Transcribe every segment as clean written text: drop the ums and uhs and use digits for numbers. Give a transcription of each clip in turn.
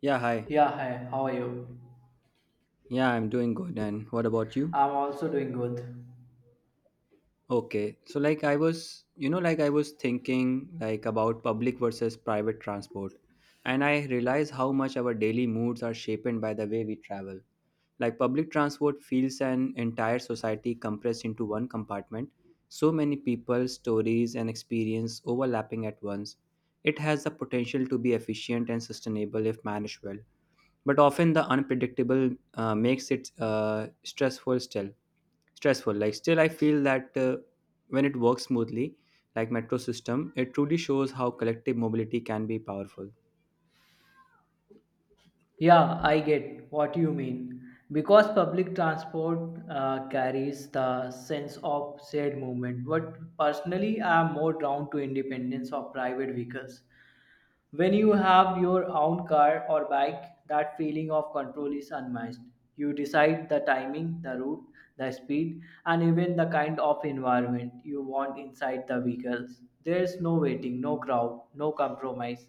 Yeah, hi. Yeah, hi, how are you? Yeah, I'm doing good. And what about you? I'm also doing good. Okay. So like I was thinking about public versus private transport. And I realize how much our daily moods are shaped by the way we travel. Like public transport feels an entire society compressed into one compartment. So many people, stories and experience overlapping at once. It has the potential to be efficient and sustainable if managed well but often the unpredictable makes it stressful still stressful like still I feel that when it works smoothly, like metro system, it truly shows how collective mobility can be powerful. Yeah, I get what you mean. Because public transport carries the sense of shared movement, but personally, I'm more drawn to independence of private vehicles. When you have your own car or bike, that feeling of control is unmatched. You decide the timing, the route, the speed, and even the kind of environment you want inside the vehicles. There is no waiting, no crowd, no compromise.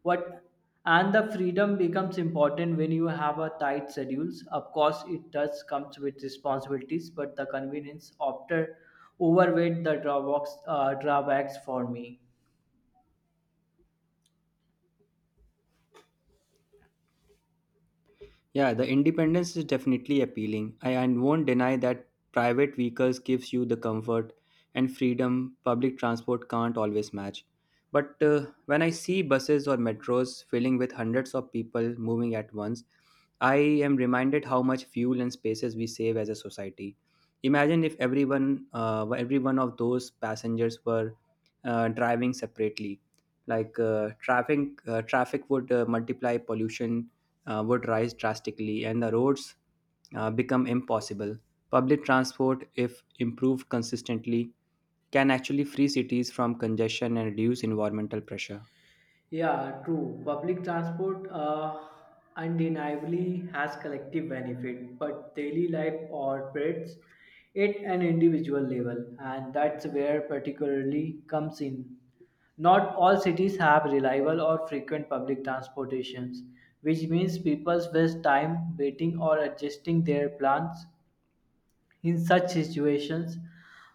What and the freedom becomes important when you have a tight schedules. Of course, it does comes with responsibilities, but the convenience after overweight the drawbacks, drawbacks for me. Yeah, the independence is definitely appealing. I won't deny that private vehicles gives you the comfort and freedom public transport can't always match. But when I see buses or metros filling with hundreds of people moving at once, I am reminded how much fuel and spaces we save as a society. Imagine if every one of those passengers were driving separately. Like traffic would multiply pollution would rise drastically and the roads become impossible. Public transport, if improved consistently, can actually free cities from congestion and reduce environmental pressure. Yeah, true. Public transport undeniably has collective benefit, but daily life operates at an individual level, and that's where particularly comes in. Not all cities have reliable or frequent public transportations, which means people waste time waiting or adjusting their plans in such situations,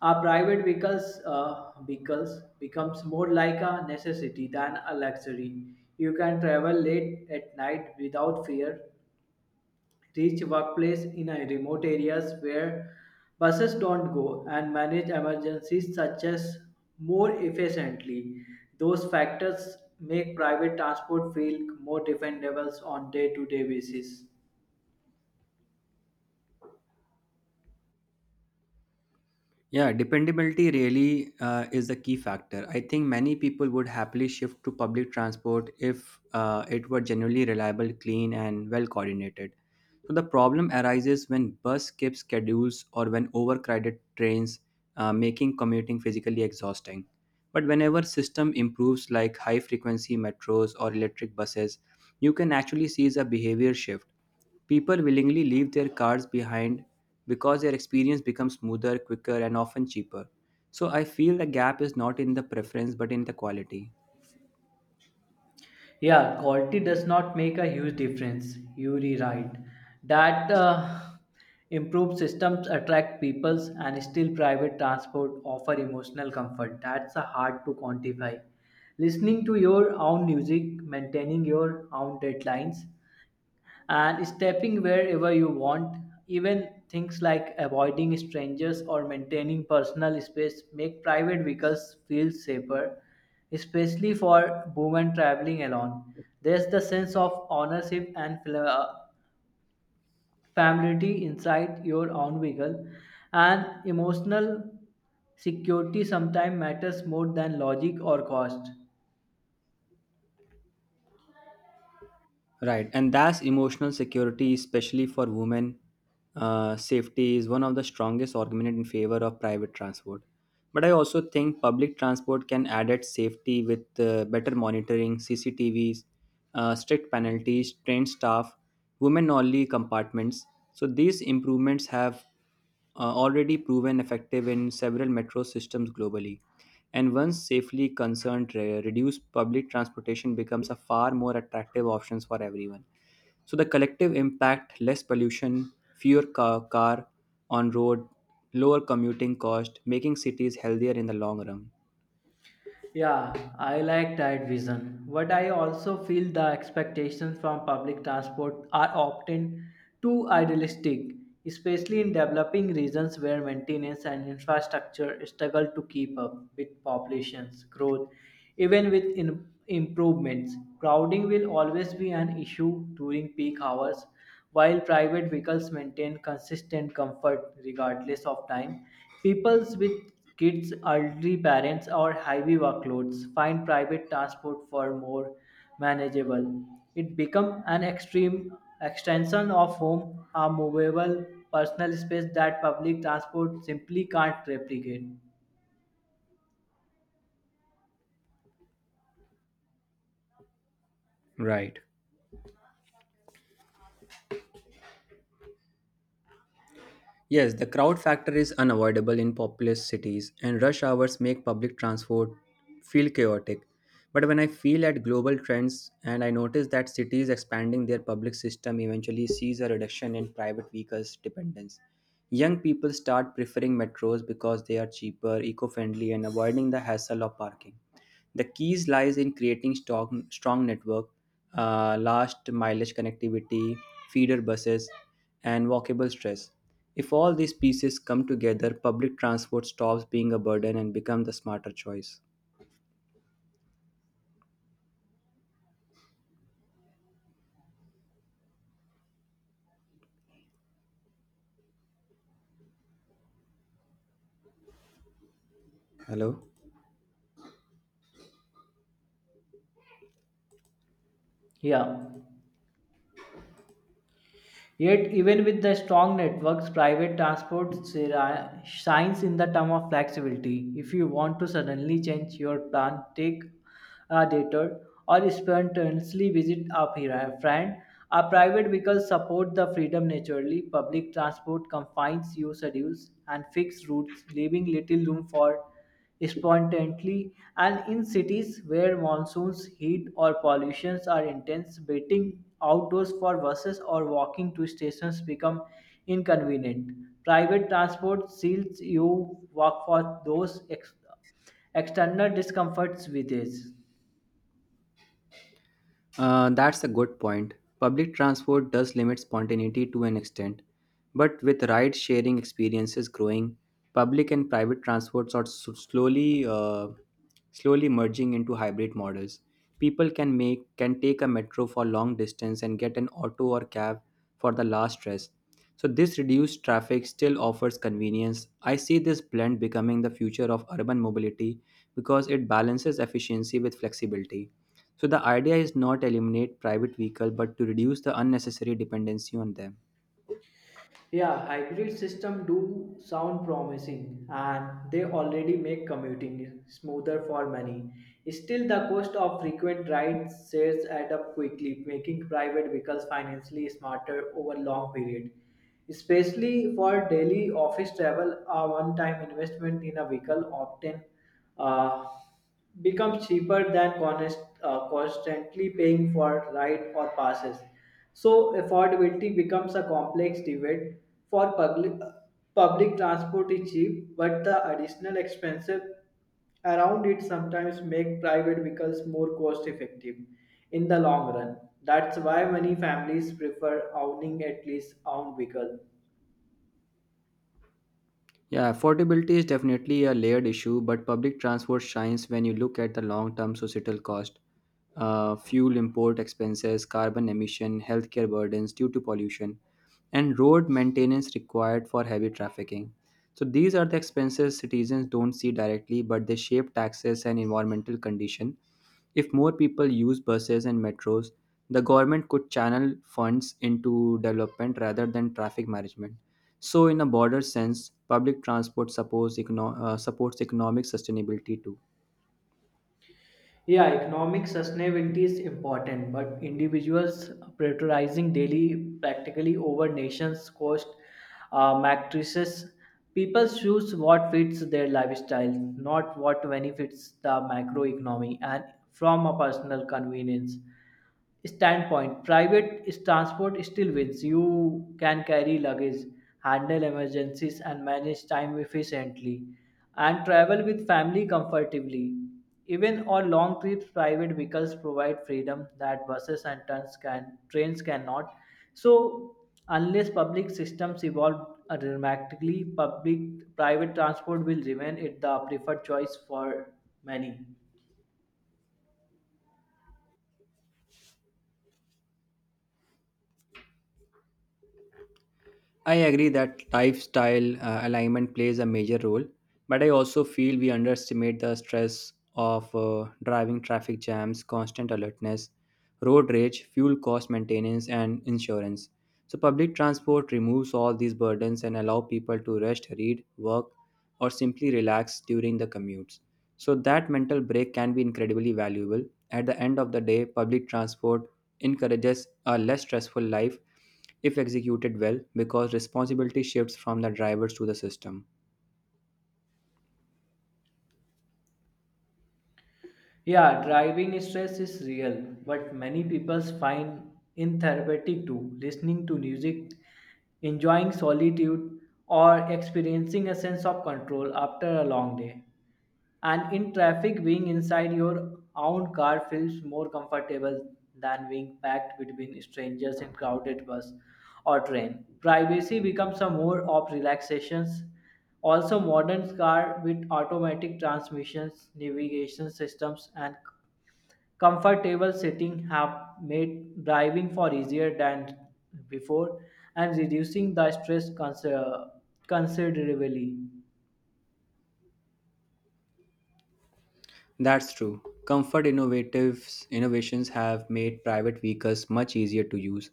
our private vehicles, vehicles becomes more like a necessity than a luxury. You can travel late at night without fear, reach workplace in a remote areas where buses don't go, and manage emergencies such as more efficiently. Those factors make private transport feel more dependable on day-to-day basis. Yeah, dependability really is the key factor. I think many people would happily shift to public transport if it were genuinely reliable, clean, and well coordinated. So the problem arises when bus skip schedules or when overcrowded trains, making commuting physically exhausting. But whenever system improves, like high frequency metros or electric buses, you can actually see a behavior shift. People willingly leave their cars behind because their experience becomes smoother, quicker, and often cheaper. So I feel the gap is not in the preference but in the quality. Yeah, quality does not make a huge difference. You rewrite that improved systems attract peoples and still private transport offer emotional comfort. That's a hard to quantify. Listening to your own music, maintaining your own deadlines, and stepping wherever you want. Even things like avoiding strangers or maintaining personal space make private vehicles feel safer, especially for women traveling alone. There's the sense of ownership and familiarity inside your own vehicle, and emotional security sometimes matters more than logic or cost. Right, and that's emotional security, especially for women. Safety is one of the strongest argument in favor of private transport. But I also think public transport can add at safety with better monitoring, CCTVs, strict penalties, trained staff, women-only compartments. So these improvements have already proven effective in several metro systems globally. And once safely concerned, reduced public transportation becomes a far more attractive option for everyone. So the collective impact, less pollution, fewer car on road, lower commuting cost, making cities healthier in the long run. Yeah, I like that vision. But I also feel the expectations from public transport are often too idealistic, especially in developing regions where maintenance and infrastructure struggle to keep up with population's growth. Even with improvements, crowding will always be an issue during peak hours. While private vehicles maintain consistent comfort regardless of time, people with kids, elderly parents, or heavy workloads find private transport for more manageable. It becomes an extreme extension of home, a movable personal space that public transport simply can't replicate. Right. Yes, the crowd factor is unavoidable in populous cities, and rush hours make public transport feel chaotic. But when I feel at global trends and I notice that cities expanding their public system eventually sees a reduction in private vehicles dependence. Young people start preferring metros because they are cheaper, eco friendly, and avoiding the hassle of parking. The keys lies in creating strong network, last mileage connectivity, feeder buses, and walkable stress. If all these pieces come together, public transport stops being a burden and becomes the smarter choice. Hello. Yeah. Yet, even with the strong networks, private transport shines in the term of flexibility. If you want to suddenly change your plan, take dated or spontaneously visit a friend. A private vehicle supports the freedom naturally. Public transport confines your schedules and fixed routes, leaving little room for spontaneity. And in cities where monsoons, heat, or pollutions are intense, waiting outdoors for buses or walking to stations become inconvenient. Private transport seals you work for those external discomforts with age. That's a good point. Public transport does limit spontaneity to an extent, but with ride sharing experiences growing, public and private transports are slowly merging into hybrid models. People can take a metro for long distance and get an auto or cab for the last stress. So this reduced traffic still offers convenience. I see this blend becoming the future of urban mobility because it balances efficiency with flexibility. So the idea is not eliminate private vehicle but to reduce the unnecessary dependency on them. Yeah, hybrid system do sound promising and they already make commuting smoother for many. Still, the cost of frequent rides shares add up quickly, making private vehicles financially smarter over long period. Especially for daily office travel, a one-time investment in a vehicle often uh, becomes cheaper than constantly paying for ride or passes. So affordability becomes a complex debate. For public transport is cheap, but the additional expenses around it sometimes make private vehicles more cost effective in the long run. That's why many families prefer owning at least own vehicle. Yeah, affordability is definitely a layered issue, but public transport shines when you look at the long-term societal cost, fuel import expenses, carbon emission, healthcare burdens due to pollution, and road maintenance required for heavy trafficking. So these are the expenses citizens don't see directly, but they shape taxes and environmental condition. If more people use buses and metros, the government could channel funds into development rather than traffic management. So, in a broader sense, public transport supports economic sustainability too. Yeah, economic sustainability is important, but individuals prioritizing daily practically over nations' cost matrices. People choose what fits their lifestyle, not what benefits the macroeconomy, and from a personal convenience standpoint, private transport still wins. You can carry luggage, handle emergencies, and manage time efficiently, and travel with family comfortably. Even on long trips, private vehicles provide freedom that buses and trains can trains cannot. So unless public systems evolve dramatically, public private transport will remain it the preferred choice for many. I agree that lifestyle alignment plays a major role, but I also feel we underestimate the stress of driving traffic jams, constant alertness, road rage, fuel cost maintenance, and insurance. So, public transport removes all these burdens and allow people to rest, read, work, or simply relax during the commutes. So, that mental break can be incredibly valuable. At the end of the day, public transport encourages a less stressful life if executed well because responsibility shifts from the drivers to the system. Yeah, driving stress is real, but many people find in therapeutic too. Listening to music, enjoying solitude, or experiencing a sense of control after a long day. And in traffic, being inside your own car feels more comfortable than being packed between strangers in crowded bus or train. Privacy becomes a mode of relaxations. Also, modern car with automatic transmissions, navigation systems, and comfortable sitting have made driving far easier than before and reducing the stress considerably. That's true. Comfort innovatives innovations have made private vehicles much easier to use,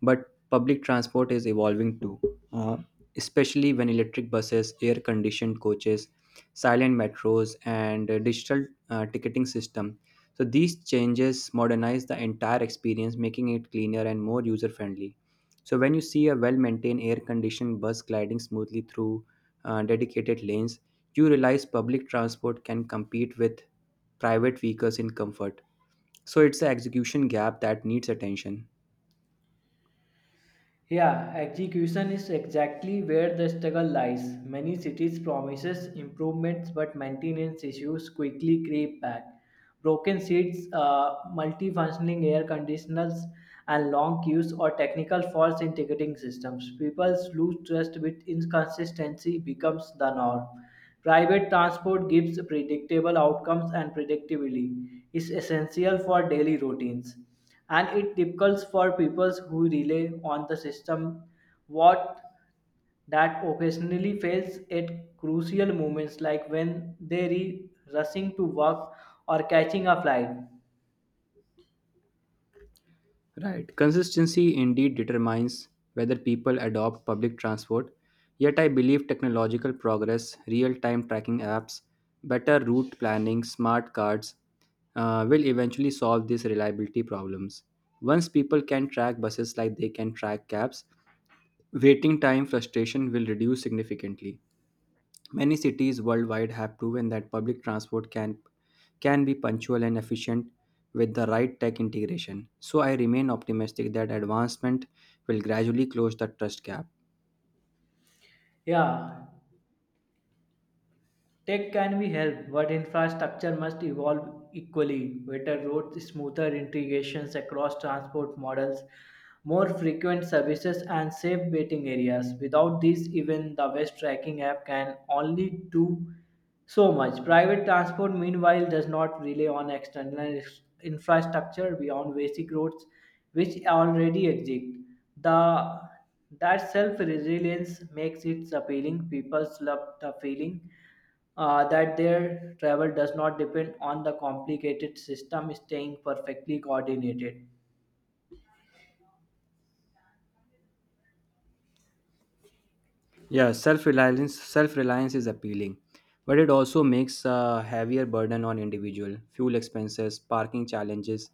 but public transport is evolving too. Uh, especially when electric buses, air-conditioned coaches, silent metros, and digital ticketing system. So these changes modernize the entire experience, making it cleaner and more user-friendly. So when you see a well-maintained air-conditioned bus gliding smoothly through dedicated lanes, you realize public transport can compete with private vehicles in comfort. So it's the execution gap that needs attention. Yeah, execution is exactly where the struggle lies. Many cities promises improvements, but maintenance issues quickly creep back. Broken seats, multifunctioning air conditioners, and long queues or technical faults in ticketing systems. People lose trust with inconsistency becomes the norm. Private transport gives predictable outcomes and predictability is essential for daily routines, and it difficult for people who rely on the system what that occasionally fails at crucial moments, like when they are rushing to work or catching a flight. Right. Consistency indeed determines whether people adopt public transport. Yet I believe technological progress, real time tracking apps, better route planning, smart cards will eventually solve these reliability problems. Once people can track buses like they can track cabs, waiting time frustration will reduce significantly. Many cities worldwide have proven that public transport can be punctual and efficient with the right tech integration. So I remain optimistic that advancement will gradually close the trust gap. Yeah. Tech can be helped, but infrastructure must evolve equally. Better roads, smoother integrations across transport models, more frequent services, and safe waiting areas. Without these, even the best Tracking app can only do so much. Private transport, meanwhile, does not rely on external infrastructure beyond basic roads, which already exist. The That self resilience makes it appealing. People love the feeling that their travel does not depend on the complicated system staying perfectly coordinated. Yeah, self-reliance is appealing, but it also makes a heavier burden on individual. Fuel expenses, parking challenges,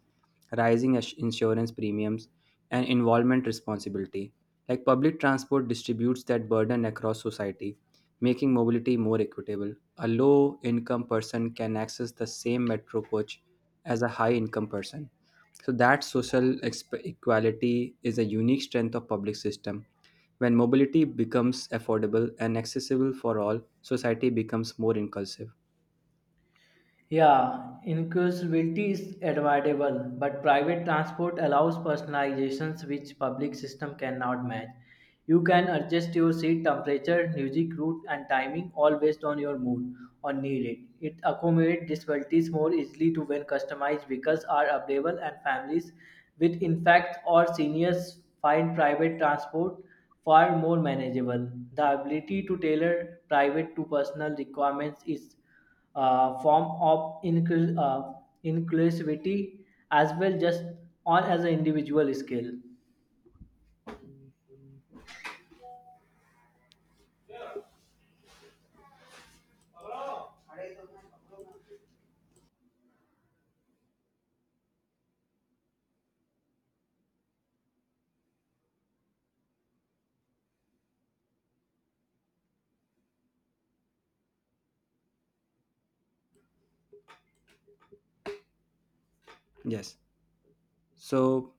rising insurance premiums, and involvement responsibility. Like public transport distributes that burden across society, making mobility more equitable. A low-income person can access the same metro coach as a high-income person. So that social equality is a unique strength of public system. When mobility becomes affordable and accessible for all, society becomes more inclusive. Yeah, inclusivity is admirable, but private transport allows personalizations which public system cannot match. You can adjust your seat temperature, music route, and timing all based on your mood or needed. It accommodates disabilities more easily to when customized vehicles are available, and families with infants or seniors find private transport far more manageable. The ability to tailor private to personal requirements is form of inclus- uh, inclusivity as well, just on as an individual skill. Yes. So,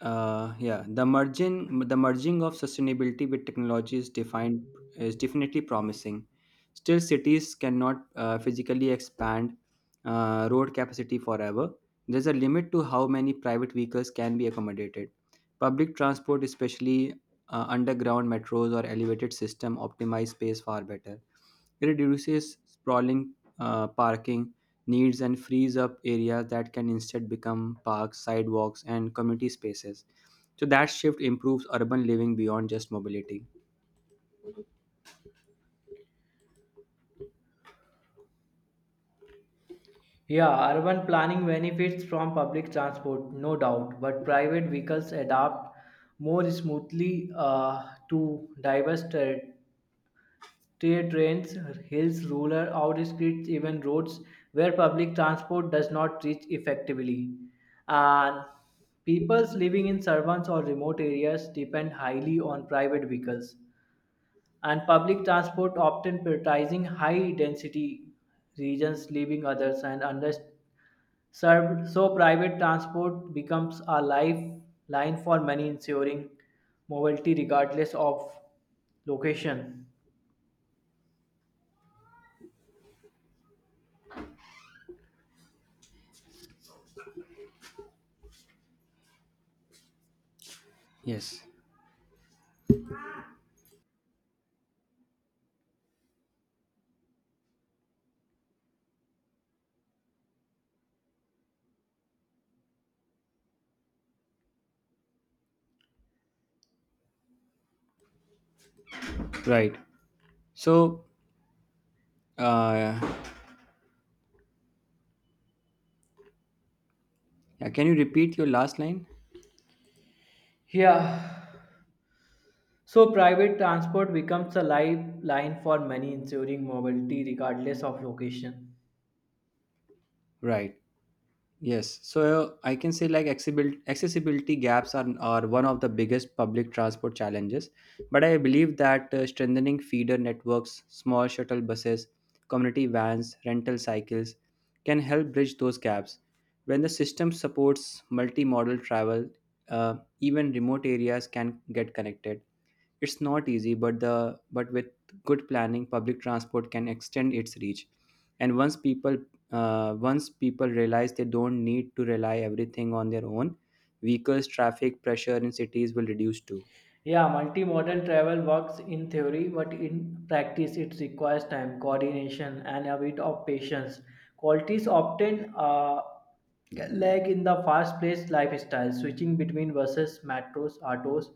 the merging of sustainability with technology is definitely promising. Still, cities cannot physically expand road capacity forever. There's a limit to how many private vehicles can be accommodated. Public transport, especially underground metros or elevated system, optimize space far better. It reduces sprawling parking needs and frees up areas that can instead become parks, sidewalks, and community spaces. So that shift improves urban living beyond just mobility. Yeah, urban planning benefits from public transport, no doubt, but private vehicles adapt more smoothly to diverse terrains, hills, rural outskirts, even roads where public transport does not reach effectively. And peoples living in suburbs or remote areas depend highly on private vehicles, and public transport often prioritizing high density regions, leaving others and underserved. So private transport becomes a lifeline for many, ensuring mobility regardless of location. Yes, right. So, uh, yeah, can you repeat your last line? Yeah, so private transport becomes a lifeline for many, ensuring mobility regardless of location. Right. Yes, so I can say like accessibility gaps are one of the biggest public transport challenges. But I believe that strengthening feeder networks, small shuttle buses, community vans, rental cycles can help bridge those gaps. When the system supports multimodal travel, uh, even remote areas can get connected. It's not easy, but the but with good planning, public transport can extend its reach. And once people realize they don't need to rely everything on their own, vehicles, traffic pressure in cities will reduce too. Yeah, multimodal travel works in theory, but in practice it requires time, coordination, and a bit of patience. Qualities often lag in the fast-paced lifestyle, switching between buses, metros, autos,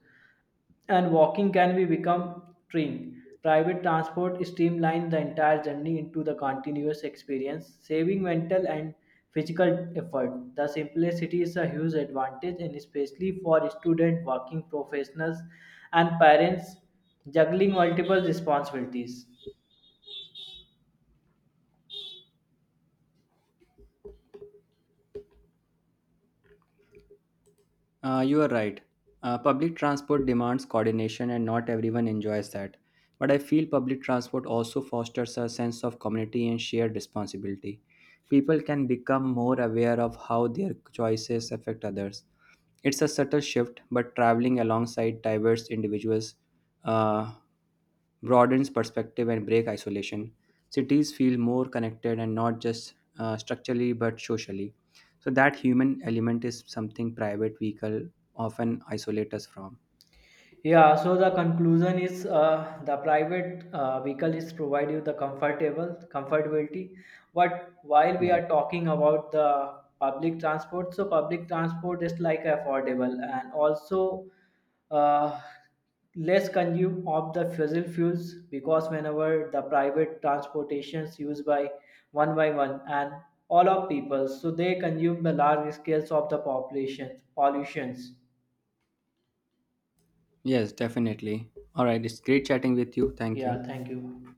and walking can be become train. Private transport streamline the entire journey into the continuous experience, saving mental and physical effort. The simplicity is a huge advantage, and especially for student, working professionals, and parents juggling multiple responsibilities. You are right. Public transport demands coordination, and not everyone enjoys that. But I feel public transport also fosters a sense of community and shared responsibility. People can become more aware of how their choices affect others. It's a subtle shift, but traveling alongside diverse individuals uh, broadens perspective and break isolation. Cities feel more connected and not just structurally but socially. So that human element is something private vehicle often isolate us from. Yeah, so the conclusion is the private vehicle is provide you the comfortable comfortability, but while we Yeah. are talking about the public transport, so public transport is like affordable and also uh, less consume of the fossil fuels because whenever the private transportations used by one and all of people, so they consume the large scales of the population pollutions. Yes, definitely. All right. It's great chatting with you. Thank Yeah, you. thank you.